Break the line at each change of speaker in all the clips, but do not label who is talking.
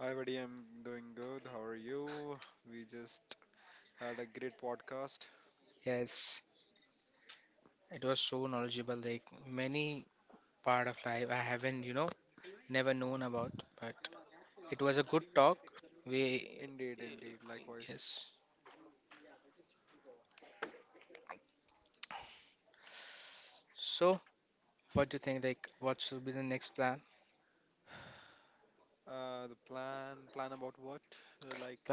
Hi, buddy. I'm doing good. How are you? We just had a great podcast. Indeed, indeed. Likewise. The plan about what? Uh, like,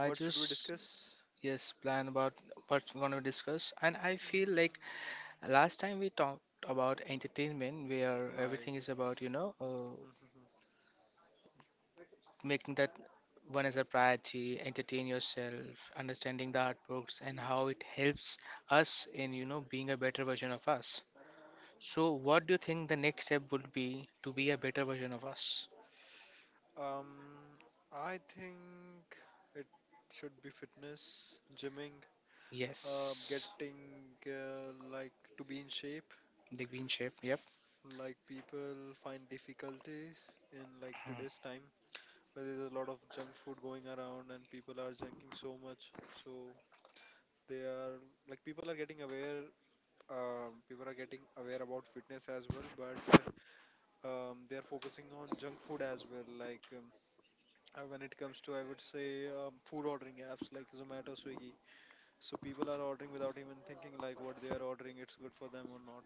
what should we discuss? Like, um, I think it should be fitness, gymming, getting to be in shape. Like people find difficulties in like today's time, where there's a lot of junk food going around and people are junking so much. So they are like people are getting aware. People are getting aware about fitness as well, but they are focusing on junk food as well. When it comes to, I would say, food ordering apps like Zomato, Swiggy. So people are ordering without even thinking like what they are ordering, it's good for them or not.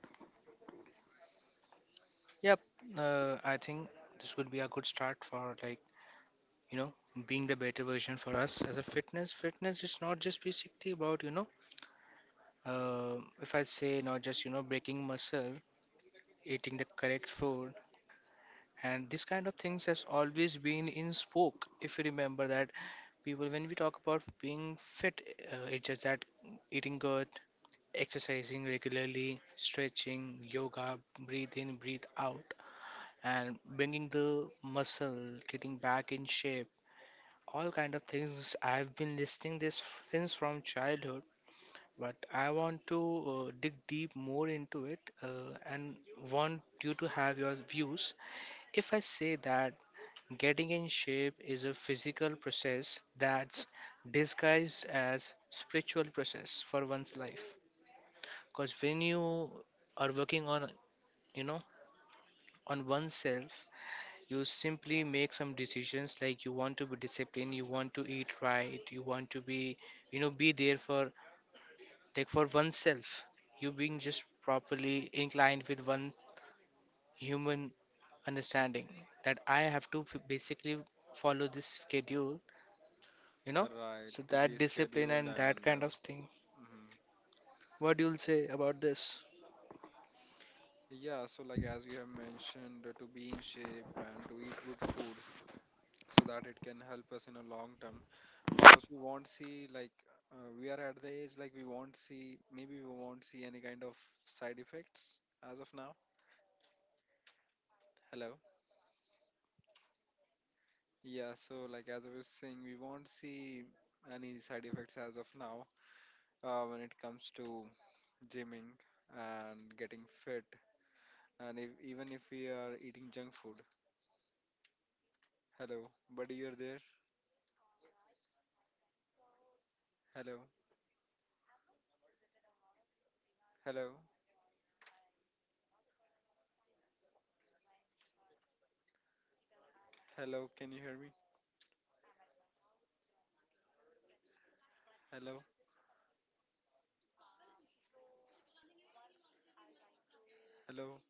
Right, to be scheduled and mhm. Yeah, so like as you have mentioned, to be in shape and to eat good food, so that it can help us in a long term, because we won't see like we are at the age like we won't see any kind of side effects as of now. Hello. Yeah, so like as I was saying, we won't see any side effects as of now, when it comes to gymming and getting fit, and if, even if we are eating junk food. Hello, buddy, you're there? Hello. Hello. Hello, can you hear me? Hello. Hello.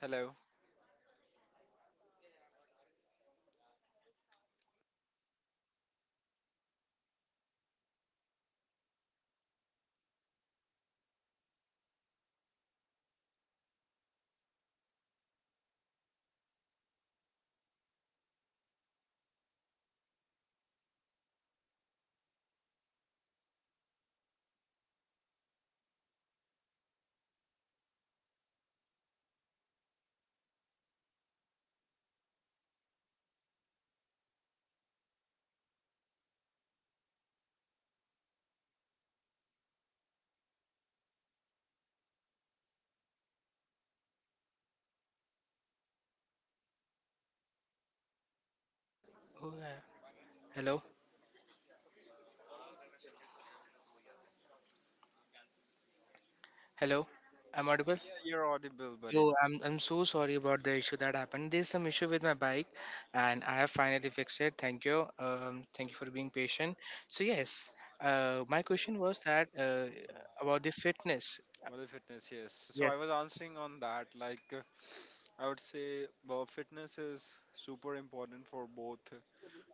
Hello.
Oh, yeah. Hello, hello. I'm audible.
Yeah, you're audible, buddy.
Yo, I'm so sorry about the issue that happened. There's some issue with my bike, and I have finally fixed it. Thank you. Thank you for being patient. So yes, my question was that about the fitness.
Body fitness, yes. So I was answering on that. I would say, well, fitness is super important for both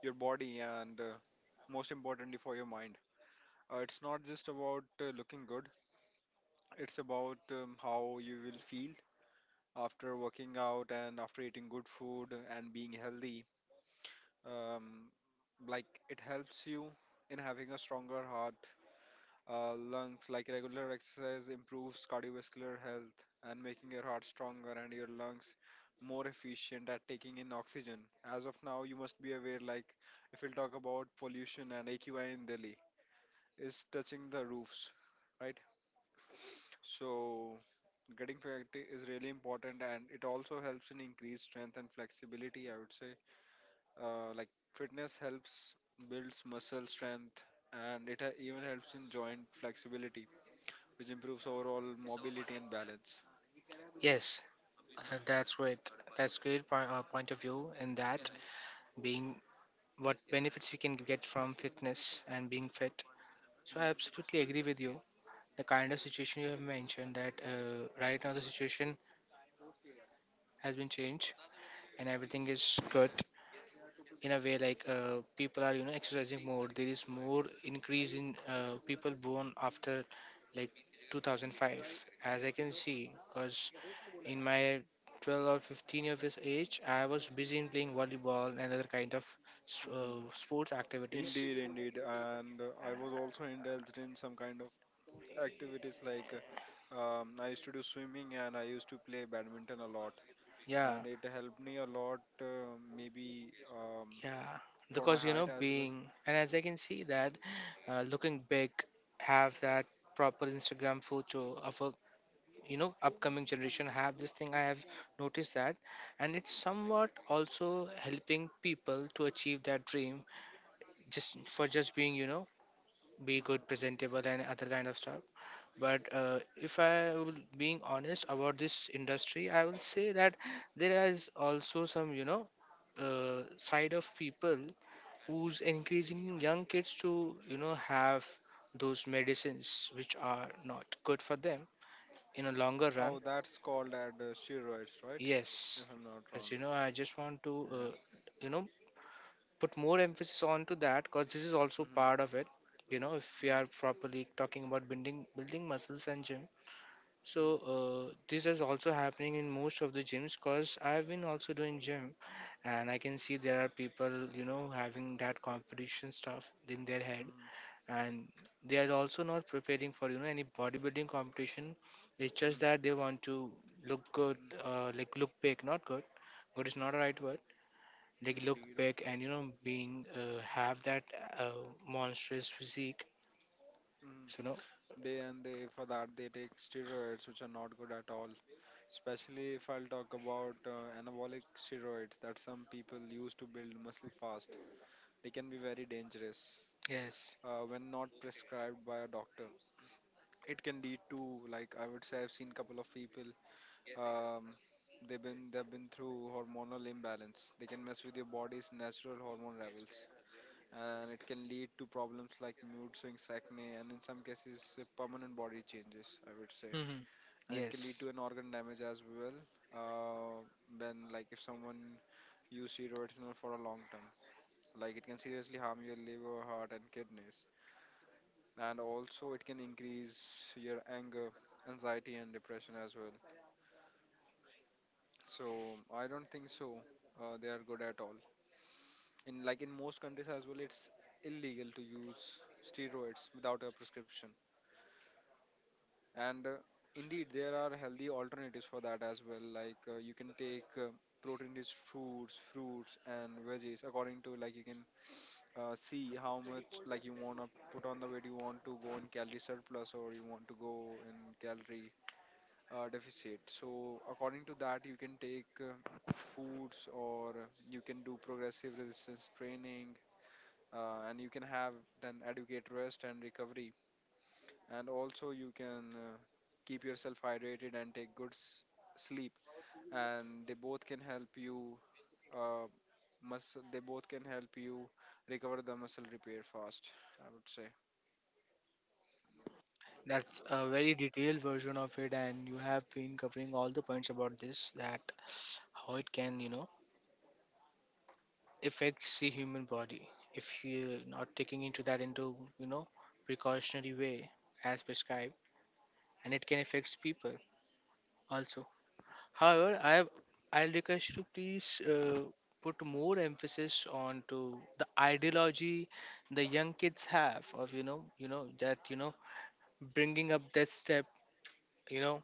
your body and most importantly for your mind. It's not just about looking good, it's about how you will feel after working out and after eating good food and being healthy. Um, like, it helps you in having a stronger heart, lungs, like regular exercise improves cardiovascular health and making your heart stronger and your lungs more efficient at taking in oxygen. As of now, you must be aware, like if we'll talk about pollution and AQI in Delhi is touching the roofs, right? So getting practice is really important, and it also helps in increased strength and flexibility, I would say. Like fitness helps builds muscle strength, and even helps in joint flexibility, which improves overall mobility and balance.
Yes, that's right. That's great point, point of view in that
Mhm,
being what benefits we can get from fitness and being fit. So I
mhm,
absolutely agree with you. The kind of situation you have mentioned that right now the situation has been changed and everything is good in a way like people are, you know, exercising more. There is more increase in people born after, like, 2005, as I can see, because in my 12 or 15 years of age I was busy in playing volleyball and other kind of
mhm.
sports activities.
Indeed, indeed. And I was also indulged in some kind of activities, like I used to do swimming and I used to play badminton a lot.
Yeah
And it helped me a lot, maybe
yeah
for my
because, you know,
height as well.
being, and as I can see that looking big, have that proper Instagram photo of a, you know, upcoming generation have this thing. I have noticed that, and it's somewhat also helping people to achieve their dream, just for just being, you know, be good
Hmm.
presentable and other kind of stuff. But if I will being honest about this industry, I will say that there is also some, you know, side of people who's encouraging young kids to, you know, have those medicines which are not good for them in a longer run.
Oh, that's called as steroids, right?
Yes,
If I'm not
as
wrong.
you know, I just want to,
Yeah.
you know, put more emphasis onto that because this is also
Mm-hmm,
part of it. You know, if we
mm-hmm,
are properly talking about building muscles and gym, so
mm-hmm,
this is also happening in most of the gyms because I've been also doing gym, and I can see there are people, you know, having that competition stuff in their head,
mm-hmm,
and they are also not preparing for, you know, any bodybuilding competition. It's just
mm-hmm.
that they want to look good, like look big, not good. Good is not a right word. Like, look
Indeed.
big and, you know, being, have that uh, monstrous physique. So
Mm-hmm.
no.
They, and they for that they take steroids, which are not good at all. Especially if I'll talk about anabolic steroids that some people use to build muscle fast. They can be very dangerous
Yes.
when not prescribed by a doctor. It can lead to, like I would say, I've seen couple of people um, they've been through hormonal imbalance. They can mess with your body's natural hormone levels. And it can lead to problems like mood swings, acne, and in some cases, permanent body changes, I would say.
Hmm.
And it can lead
Yes,
to an organ damage as well, uh, when like if someone use steroids for a long term, like it can seriously harm your liver, heart and kidneys, and also it can increase your anger, anxiety and depression as well. So I don't think so they are good at all. In like in most countries as well, it's illegal to use steroids without a prescription. And indeed there are healthy alternatives for that as well, like you can take protein rich foods, fruits and veggies. According to like you can see how much like you want to put on the weight, you want to go in calorie surplus or you want to go in calorie deficit. So according to that, you can take foods, or you can do progressive resistance training, and you can have then adequate rest and recovery, and also you can keep yourself hydrated and take good sleep, and they both can help you uh, muscle they both can help you recover, the muscle repair fast, I would say.
that's a very detailed version of it, and you have been covering all the points about this, that how it can, you know, affects the human body if you're not taking into that, into, you know, precautionary way as prescribed, and it can affect people also. However, I'll request you to please put more emphasis on to the ideology the young kids have of, you know, you know, that, you know, bringing up that step, you know,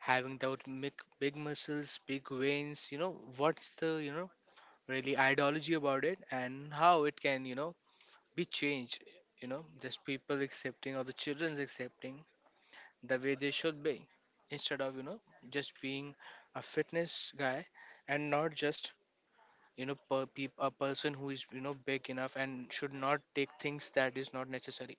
having that big, big muscles, big veins, you know, what's the, you know, really ideology about it and how it can, you know, be changed, you know, just people accepting or the children's accepting the way they should be instead of, you know, just being a fitness guy, and not just, you know, per peop a person who is, you know, big enough and should not take things that is not necessary.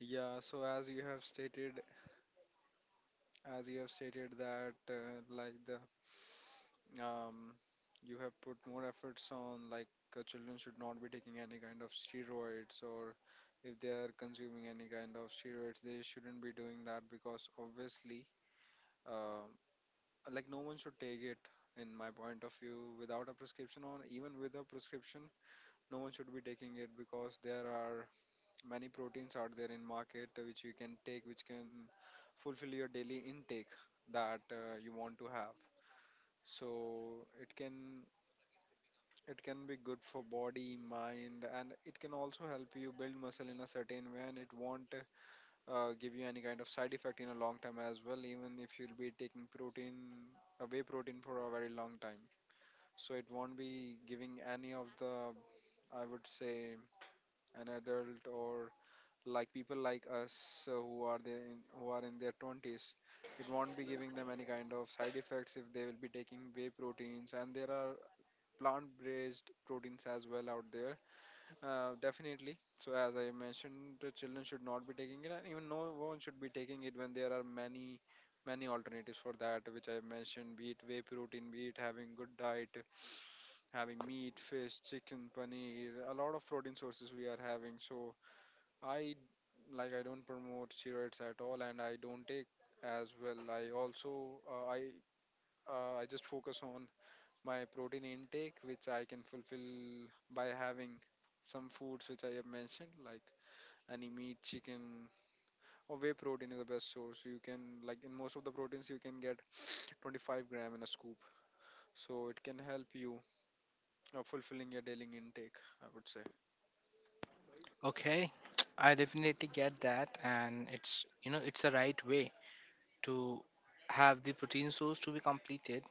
Yeah, so as you have stated that like the um you have put more efforts on like children should not be taking any kind of steroids, or if they are consuming any kind of steroids, they shouldn't be doing that, because obviously uh, like no one should take it, in my point of view, without a prescription or even with a prescription. No one should be taking it, because there are many proteins out there in market which you can take, which can fulfill your daily intake that you want to have. So it can, it can be good for body, mind, and it can also help you build muscle in a certain way, and it won't give you any kind of side effect in a long time as well, even if you'll be taking protein, a whey protein for a very long time. So it won't be giving any of the, I would say, an adult or like people like us who are there who are in their 20s, it won't be giving them any kind of side effects if they will be taking whey proteins, and there are plant based proteins as well out there. Definitely. So as I mentioned, the children should not be taking it, and even no one should be taking it when there are many, many alternatives for that, which I mentioned, be it whey protein, be it having good diet, having meat, fish, chicken, paneer, a lot of protein sources we are having. So I, I don't promote steroids at all, and I don't take as well. I just focus on my protein intake, which I can fulfill by having some foods which I have mentioned, like any meat, chicken, or whey protein is the best source. You can, like in most of the proteins, you can get 25 gram in a scoop. So it can help you fulfilling your daily intake, I would say.
Okay. I definitely get that, and it's, you know, it's the right way to have the protein source to be completed.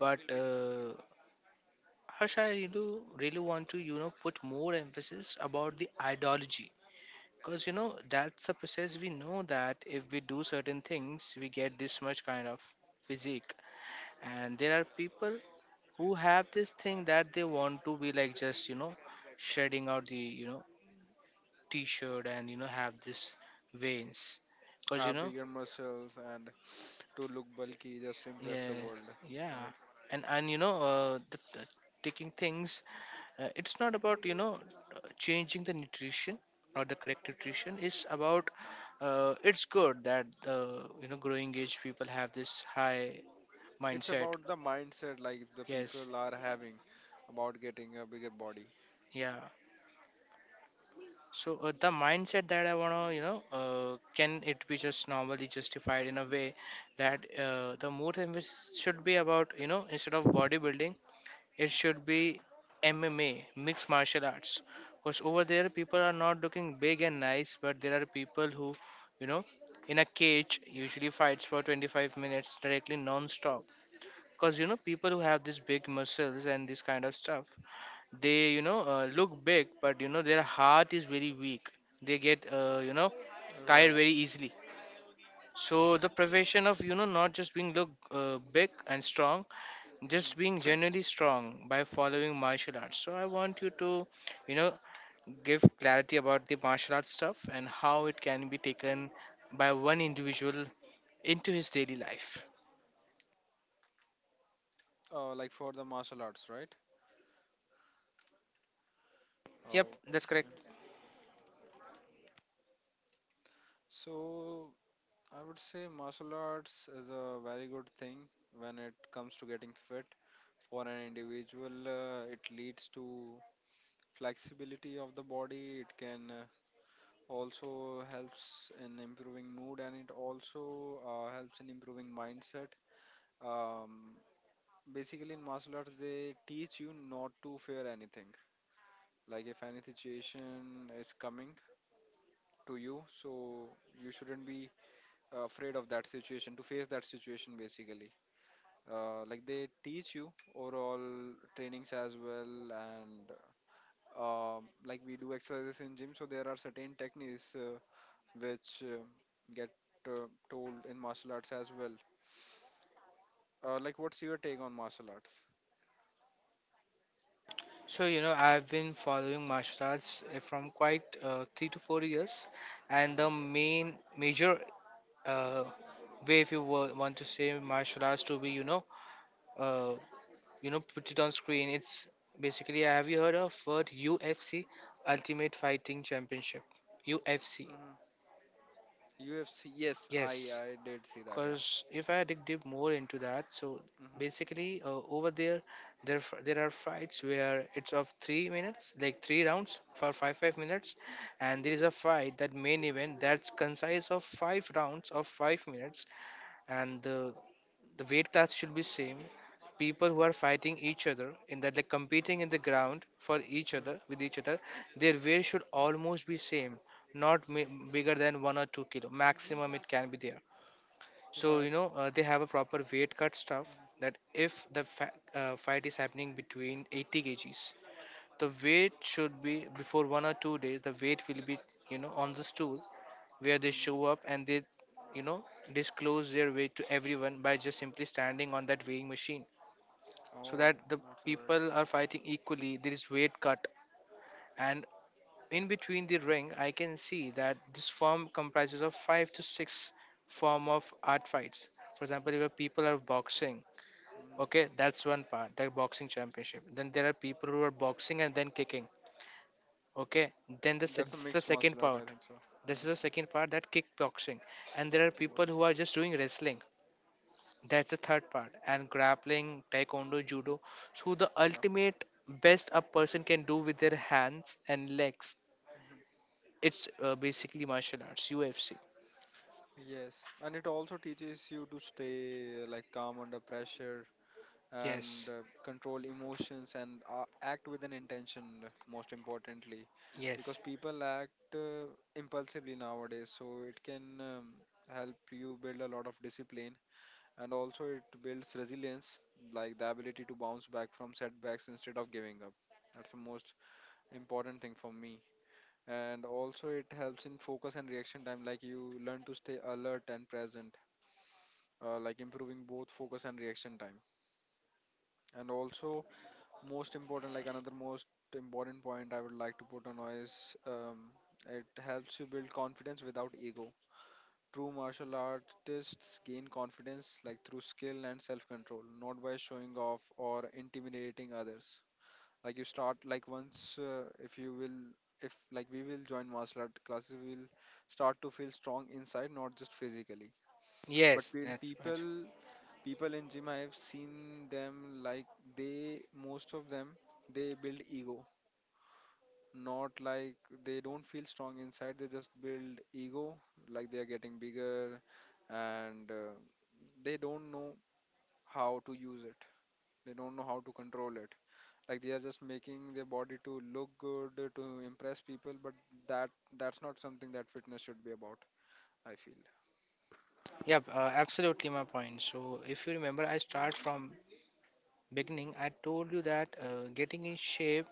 But Harsh, I really, really want to, you know, put more emphasis about the ideology. Because, you know, that's a process. We know that if we do certain things, we get this much kind of physique. And there are people who have this thing that they want to be like, just, you know, shedding out the, you know, t shirt and, you know, have this veins. Because, you
Have
know,
bigger muscles and to look bulky just to impress the
yeah,
world,
yeah.
right?
And, you know, the taking things, it's not about, you know, changing the nutrition or the correct nutrition. It's about, it's good that the, you know, growing age people have this high
It's
mindset.
about the mindset like the
Yes.
people are having about getting a bigger body.
Yeah, so the mindset that I want to, you know, can it be just normally justified in a way
Hmm.
that, the more emphasis should be about, you know, instead of bodybuilding, it should be MMA, mixed martial arts. Because over there, people are not looking big and nice, but there are people who, you know, in a cage usually fights for 25 minutes directly non-stop. Because, you know, people who have these big muscles and this kind of stuff, they, you know, look big, but, you know, their heart is very weak. They get, you know,
Hmm.
tired
Right.
very easily. So the profession of, you know, not just being look big and strong, just
Mm-hmm.
being generally strong by following martial arts. So I want you to, you know, give clarity about the martial arts stuff and how it can be taken by one individual into his daily life.
Like for the martial arts, right?
Yep, that's
Okay.
correct.
So I would say martial arts is a very good thing when it comes to getting fit for an individual. It leads to flexibility of the body. It can also helps in improving mood, and it also helps in improving mindset. Um, Basically, in martial arts, they teach you not to fear anything. Like if any situation is coming to you, so you shouldn't be afraid of that situation, to face that situation basically. Like they teach you overall trainings as well, and um, like we do exercises in gym, so there are certain techniques which get told in martial arts as well. Like what's your take on martial arts?
So, you know, I've been following martial arts from quite 3 to 4 years, and the
Hmm.
main major uh, way, if you want to say martial arts to be, you know, uh, you know, put it on screen, it's basically, have you heard of word UFC, Ultimate Fighting Championship, UFC?
Hmm. UFC, yes, i
Yes.
i did see that, yeah.
Because if I dig deep more into that, so
Hmm.
basically, over there, there are fights where it's of 3 minutes, like three rounds for five minutes, and there is a fight, that main event, that's concise of five rounds of 5 minutes. And the weight class should be same. People who are fighting each other in that, like competing in the ground for each other,
Hmm.
with each other, their weight should almost be same. Not mi-
Hmm.
Bigger than 1 or 2 kilo maximum it can be there. So,
Right.
you know, they have a proper weight cut stuff,
Hmm.
that if the fight is happening between 80 kgs, the weight should be before 1 or 2 days. The weight will be, you know, on the stool, where they show
Hmm.
up and they, you know, disclose their weight to everyone by just simply standing on that weighing machine, so
Oh,
that the
that's right.
people are fighting equally. There is weight cut, and in between the ring, I can see that this form comprises of five to six form of art fights. For example, if people are boxing, okay,
Mhm.
that's one part, that boxing championship. Then there are people who are boxing and then kicking, okay. Then the
That's a
this is the
mixed
second
martial art, I
part.
think so.
This
Yeah,
is the second part, that kickboxing, and there are people
kickboxing.
who are just doing wrestling. That's the third part. And grappling, taekwondo,
Hmm.
judo. So the
Yeah.
ultimate best a person can do with their hands and legs,
Hmm.
it's basically martial arts, UFC.
Yes, and it also teaches you to stay like calm under pressure and
Yes,
control emotions and act with an intention. Most importantly, because
yes,
people act impulsively nowadays, so it can help you build a lot of discipline, and also it builds resilience, like the ability to bounce back from setbacks instead of giving up. That's the most important thing for me. And also it helps in focus and reaction time. Like, you learn to stay alert and present, like improving both focus and reaction time. And also, most important, like another most important point I would like to put on is, um, it helps you build confidence without ego. True martial artists gain confidence like through skill and self control, not by showing off or intimidating others. Like you start, like once if you will, if like we will join martial art classes, we will start to feel strong inside, not just physically. But
yes.
when
That's
people,
right.
people in gym, I have seen them, like, they, most of them, they build ego. Not like, they don't feel strong inside, they just build ego, like they are getting bigger. And they don't know how to use it, they don't know how to control it. Like they are just making their body to look good, to impress people. But that, that's not something that fitness should be about, I feel.
Yeah, absolutely my point. So if you remember, I start from beginning. I told you that getting in shape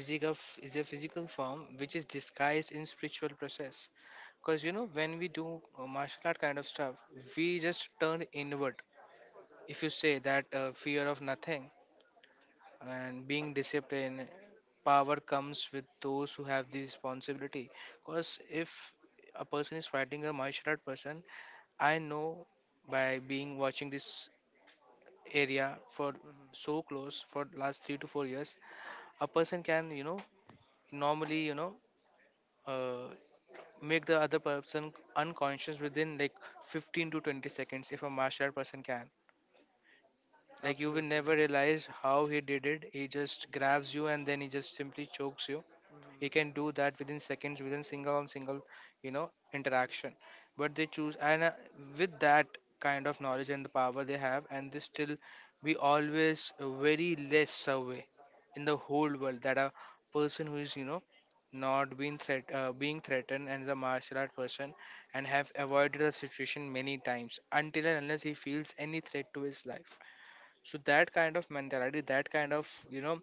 is is a physical form which is disguised in spiritual process. Because, you know, when we do martial art kind of stuff, we just turn inward. If you say that fear of nothing and being disciplined, power comes with those who have the responsibility. Because if a person is fighting a martial art person, I know by being watching this area for
Hmm.
so close for last 3 to 4 years, a person can, you know, normally, you know, uh, make the other person unconscious within like 15 to 20 seconds if a martial art person can. Like, you will
Absolutely.
never realize how he did it. He just grabs you and then he just simply chokes you. He can
Hmm.
do that within seconds, within single on single, you know, interaction. But they choose, and with that kind of knowledge and the power they have, and they still be always very less away in the whole world, that a person who is, you know, not being threat being threatened and is a martial art person, and have avoided the situation many times until and unless he feels any threat to his life. So that kind of mentality, that kind of, you know,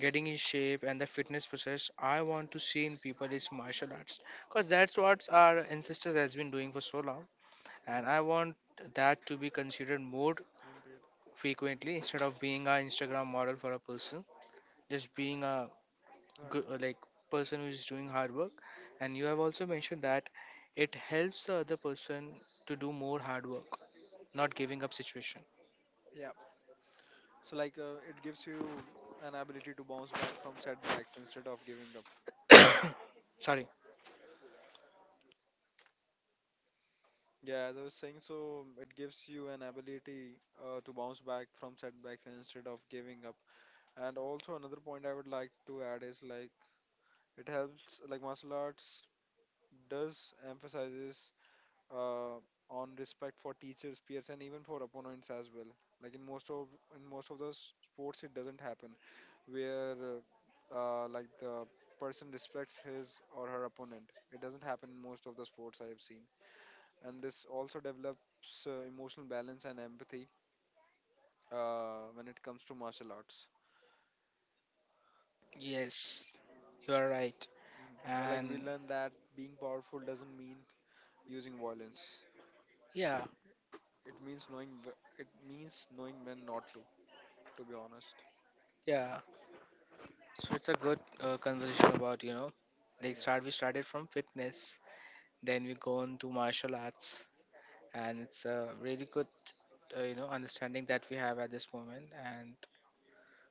getting in shape and the fitness process I want to see in people is martial arts, because that's what our ancestors has been doing for so long,
Mm-hmm.
and
Mm-hmm.
I want that to be considered more
Indeed.
frequently instead of being an Instagram model for a person, just being a
Right.
good, like, person who is doing hard work. And you have also mentioned that it helps the other person to do more hard work, not giving up situation.
Yeah. So like, it gives you an ability to bounce back from setbacks instead of giving up.
Sorry.
Yeah, as I was saying, so it gives you an ability to bounce back from setbacks instead of giving up. And also another point I would like to add is, like, it helps, like martial arts does emphasizes, uh, on respect for teachers, peers, and even for opponents as well. Like in most of, in most of the sports, it doesn't happen, where like the person respects his or her opponent. It doesn't happen in most of the sports I have seen, and this also develops emotional balance and empathy when it comes to martial arts.
Yes, you are right.
Mhm. Yeah, like we
And
learn that being powerful doesn't mean using violence.
yeah.
It means knowing it means knowing when not to. To be honest.
Yeah, so it's a good
Mhm.
conversation about, you know, like,
Yeah.
start, we started from fitness, then we go on to martial arts, and it's a really good, you know, understanding that we have at this moment, and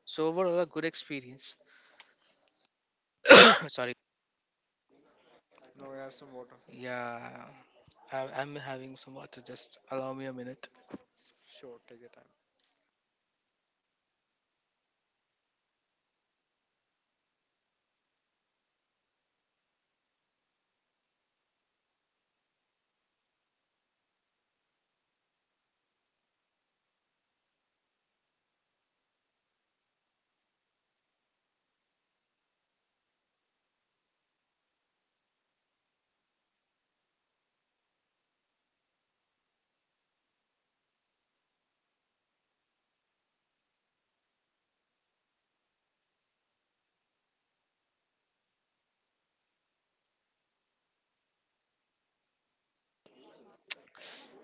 so overall a good experience. Sorry.
No, I have some water.
Yeah, I, I'm having some water. Just allow me a minute.
Sure, take your time.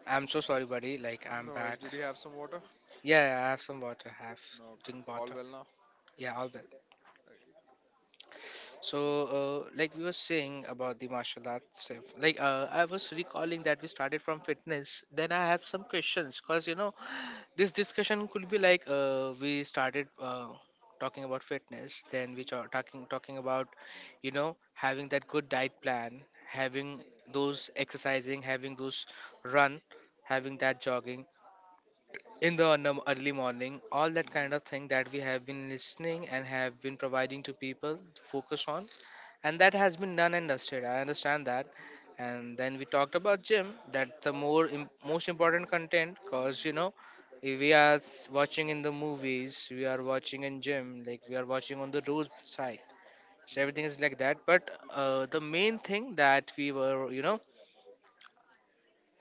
I'm so sorry, buddy. Like, I'm
No worries.
back.
Did you have some water?
Yeah, yeah, I have some water. I have
No, okay.
drink
All
water.
well now?
Yeah, all will.
Okay.
So, like we were saying about the martial arts stuff, like, I was recalling that we started from fitness. Then I have some questions, because, you know, this discussion could be like, we started talking about fitness, then we are talking about, you know, having that good diet plan, having those exercising, having those run, having that jogging in the early morning, all that kind
Mm-hmm.
of thing that we have been listening and have been providing to people to focus on, and
Yeah.
that has been done and dusted. I understand that. And then we talked about gym, that the most
Mm-hmm.
important content, because,
Mm-hmm.
you know, if we are watching in the movies, we are watching in gym, like we are watching on the road side, so everything
Mm-hmm.
is like that. But the main thing that we were, you know,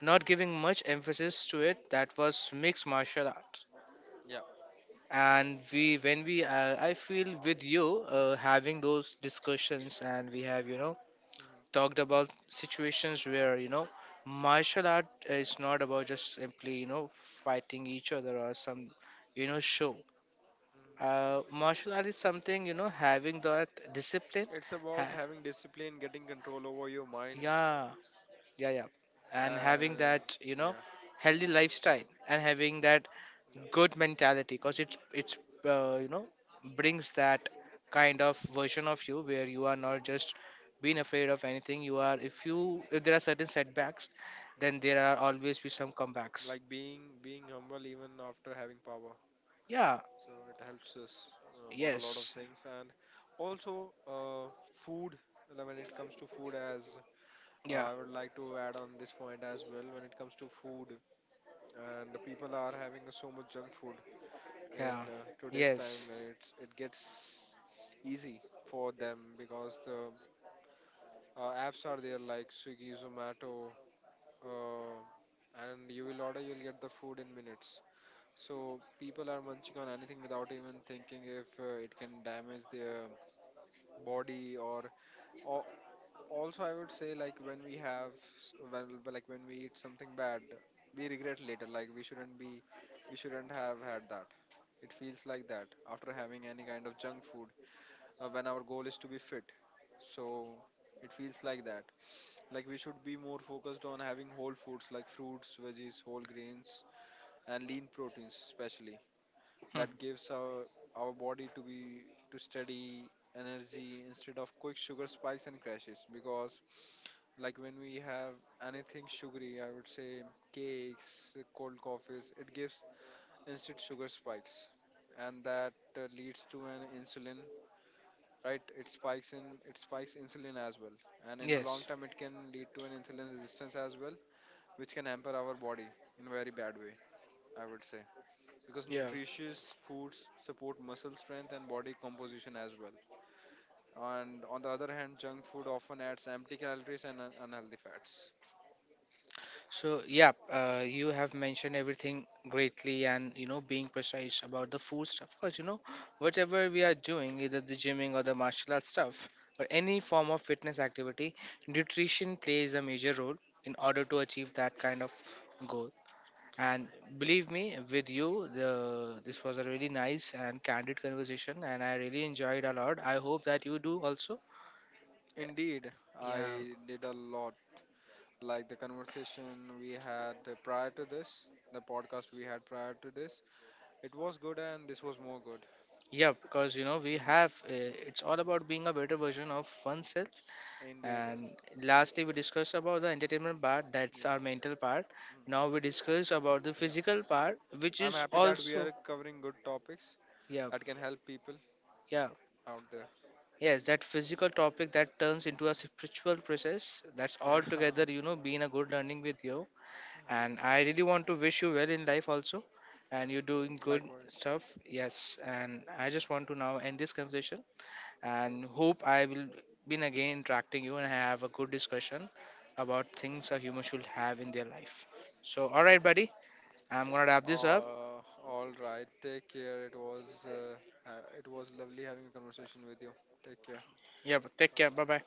not giving much emphasis to it, that was mixed martial arts.
Yeah.
And we, when we, I feel with you having those discussions, and we have, you know,
Mhm.
talked about situations where, you know, martial art is not about just simply, you know, fighting each other or some, you know, show,
Mhm.
martial art is something, you know, having that discipline.
It's about
ha-
having discipline, getting control over your mind,
yeah, yeah, yeah. And having
and
that, you know,
yeah,
healthy lifestyle and having that
yeah.
good mentality, because it's,
Mhm.
you
Mhm.
know, brings that kind of version of you where you are not just being
Mhm.
afraid of anything. You are, if you, if there are certain setbacks, then there are always be some comebacks.
Like being, being humble even after having power.
Yeah.
So it helps us about a lot of
Yes.
things, and also, food, when it comes to food as,
Yeah,
I would like to add on this point as well. When it comes to food, and the people are having so much junk food in,
yeah.
today's
Yes.
time, and it gets easy for them because the, apps are there, like Swiggy, Zomato, uh, and you will order, you'll get the food in minutes. So people are munching on anything without even thinking if, it can damage their body, or, also I would say, like when we have like when we eat something bad, we regret later, like we shouldn't be, we shouldn't have had that. It feels like that after having any kind of junk food, when our goal is to be fit. So it feels like that. Like, we should be more focused on having whole foods like fruits, veggies, whole grains and lean proteins especially,
Hmm.
that gives our body to be, to steady energy instead of quick sugar spikes and crashes. Because like when we have anything sugary, I would say, cakes, cold coffees, it gives instant sugar spikes, and that leads to an insulin, right, it spikes in, it spikes insulin as well, and in the long
Yes.
term it can lead to an insulin resistance as well, which can hamper our body in very bad way, I would say, because
Yeah.
nutritious foods support muscle strength and body composition as well. And on the other hand, junk food often adds empty calories and unhealthy fats.
So yeah, you have mentioned everything greatly, and, you know, being precise about the food stuff. Because, you know, whatever we are doing, either the gymming or the martial arts stuff, or any form of fitness activity, nutrition plays a major role in order to achieve that kind of goal. And believe me, with you, the this was a really nice and candid conversation, and I really enjoyed a lot. I hope that you do also.
Indeed,
Yeah,
I did a lot. Like the conversation we had prior to this, the podcast we had prior to this, it was good and this was more good.
yeah, because, you know, we have,
Hmm.
it's all about being a better version of oneself.
Indeed.
And
Hmm.
lastly, we discussed about the entertainment part, that's
Yeah.
our mental part.
Mhm.
Now we discuss about the
Yeah.
physical part, which
I'm
is
happy that we
also,
are covering good topics
yeah,
that can help people
yeah,
out there.
yes, that physical topic that turns into a
Mhm.
spiritual process. That's all
Yeah.
together, you know, being a good learning with you.
Indeed.
And I really want to wish you well in life also. And you're doing good
Likewise.
stuff, yes. And I just want to now end this conversation,
Sure.
and hope I will be again interacting you and have a good discussion about things a human should have in their life. So, all right, buddy, I'm gonna wrap this up.
Uh, all right. Take care. It was lovely having a conversation with you. Take care.
Yeah, take
All
care. Bye
right.
bye.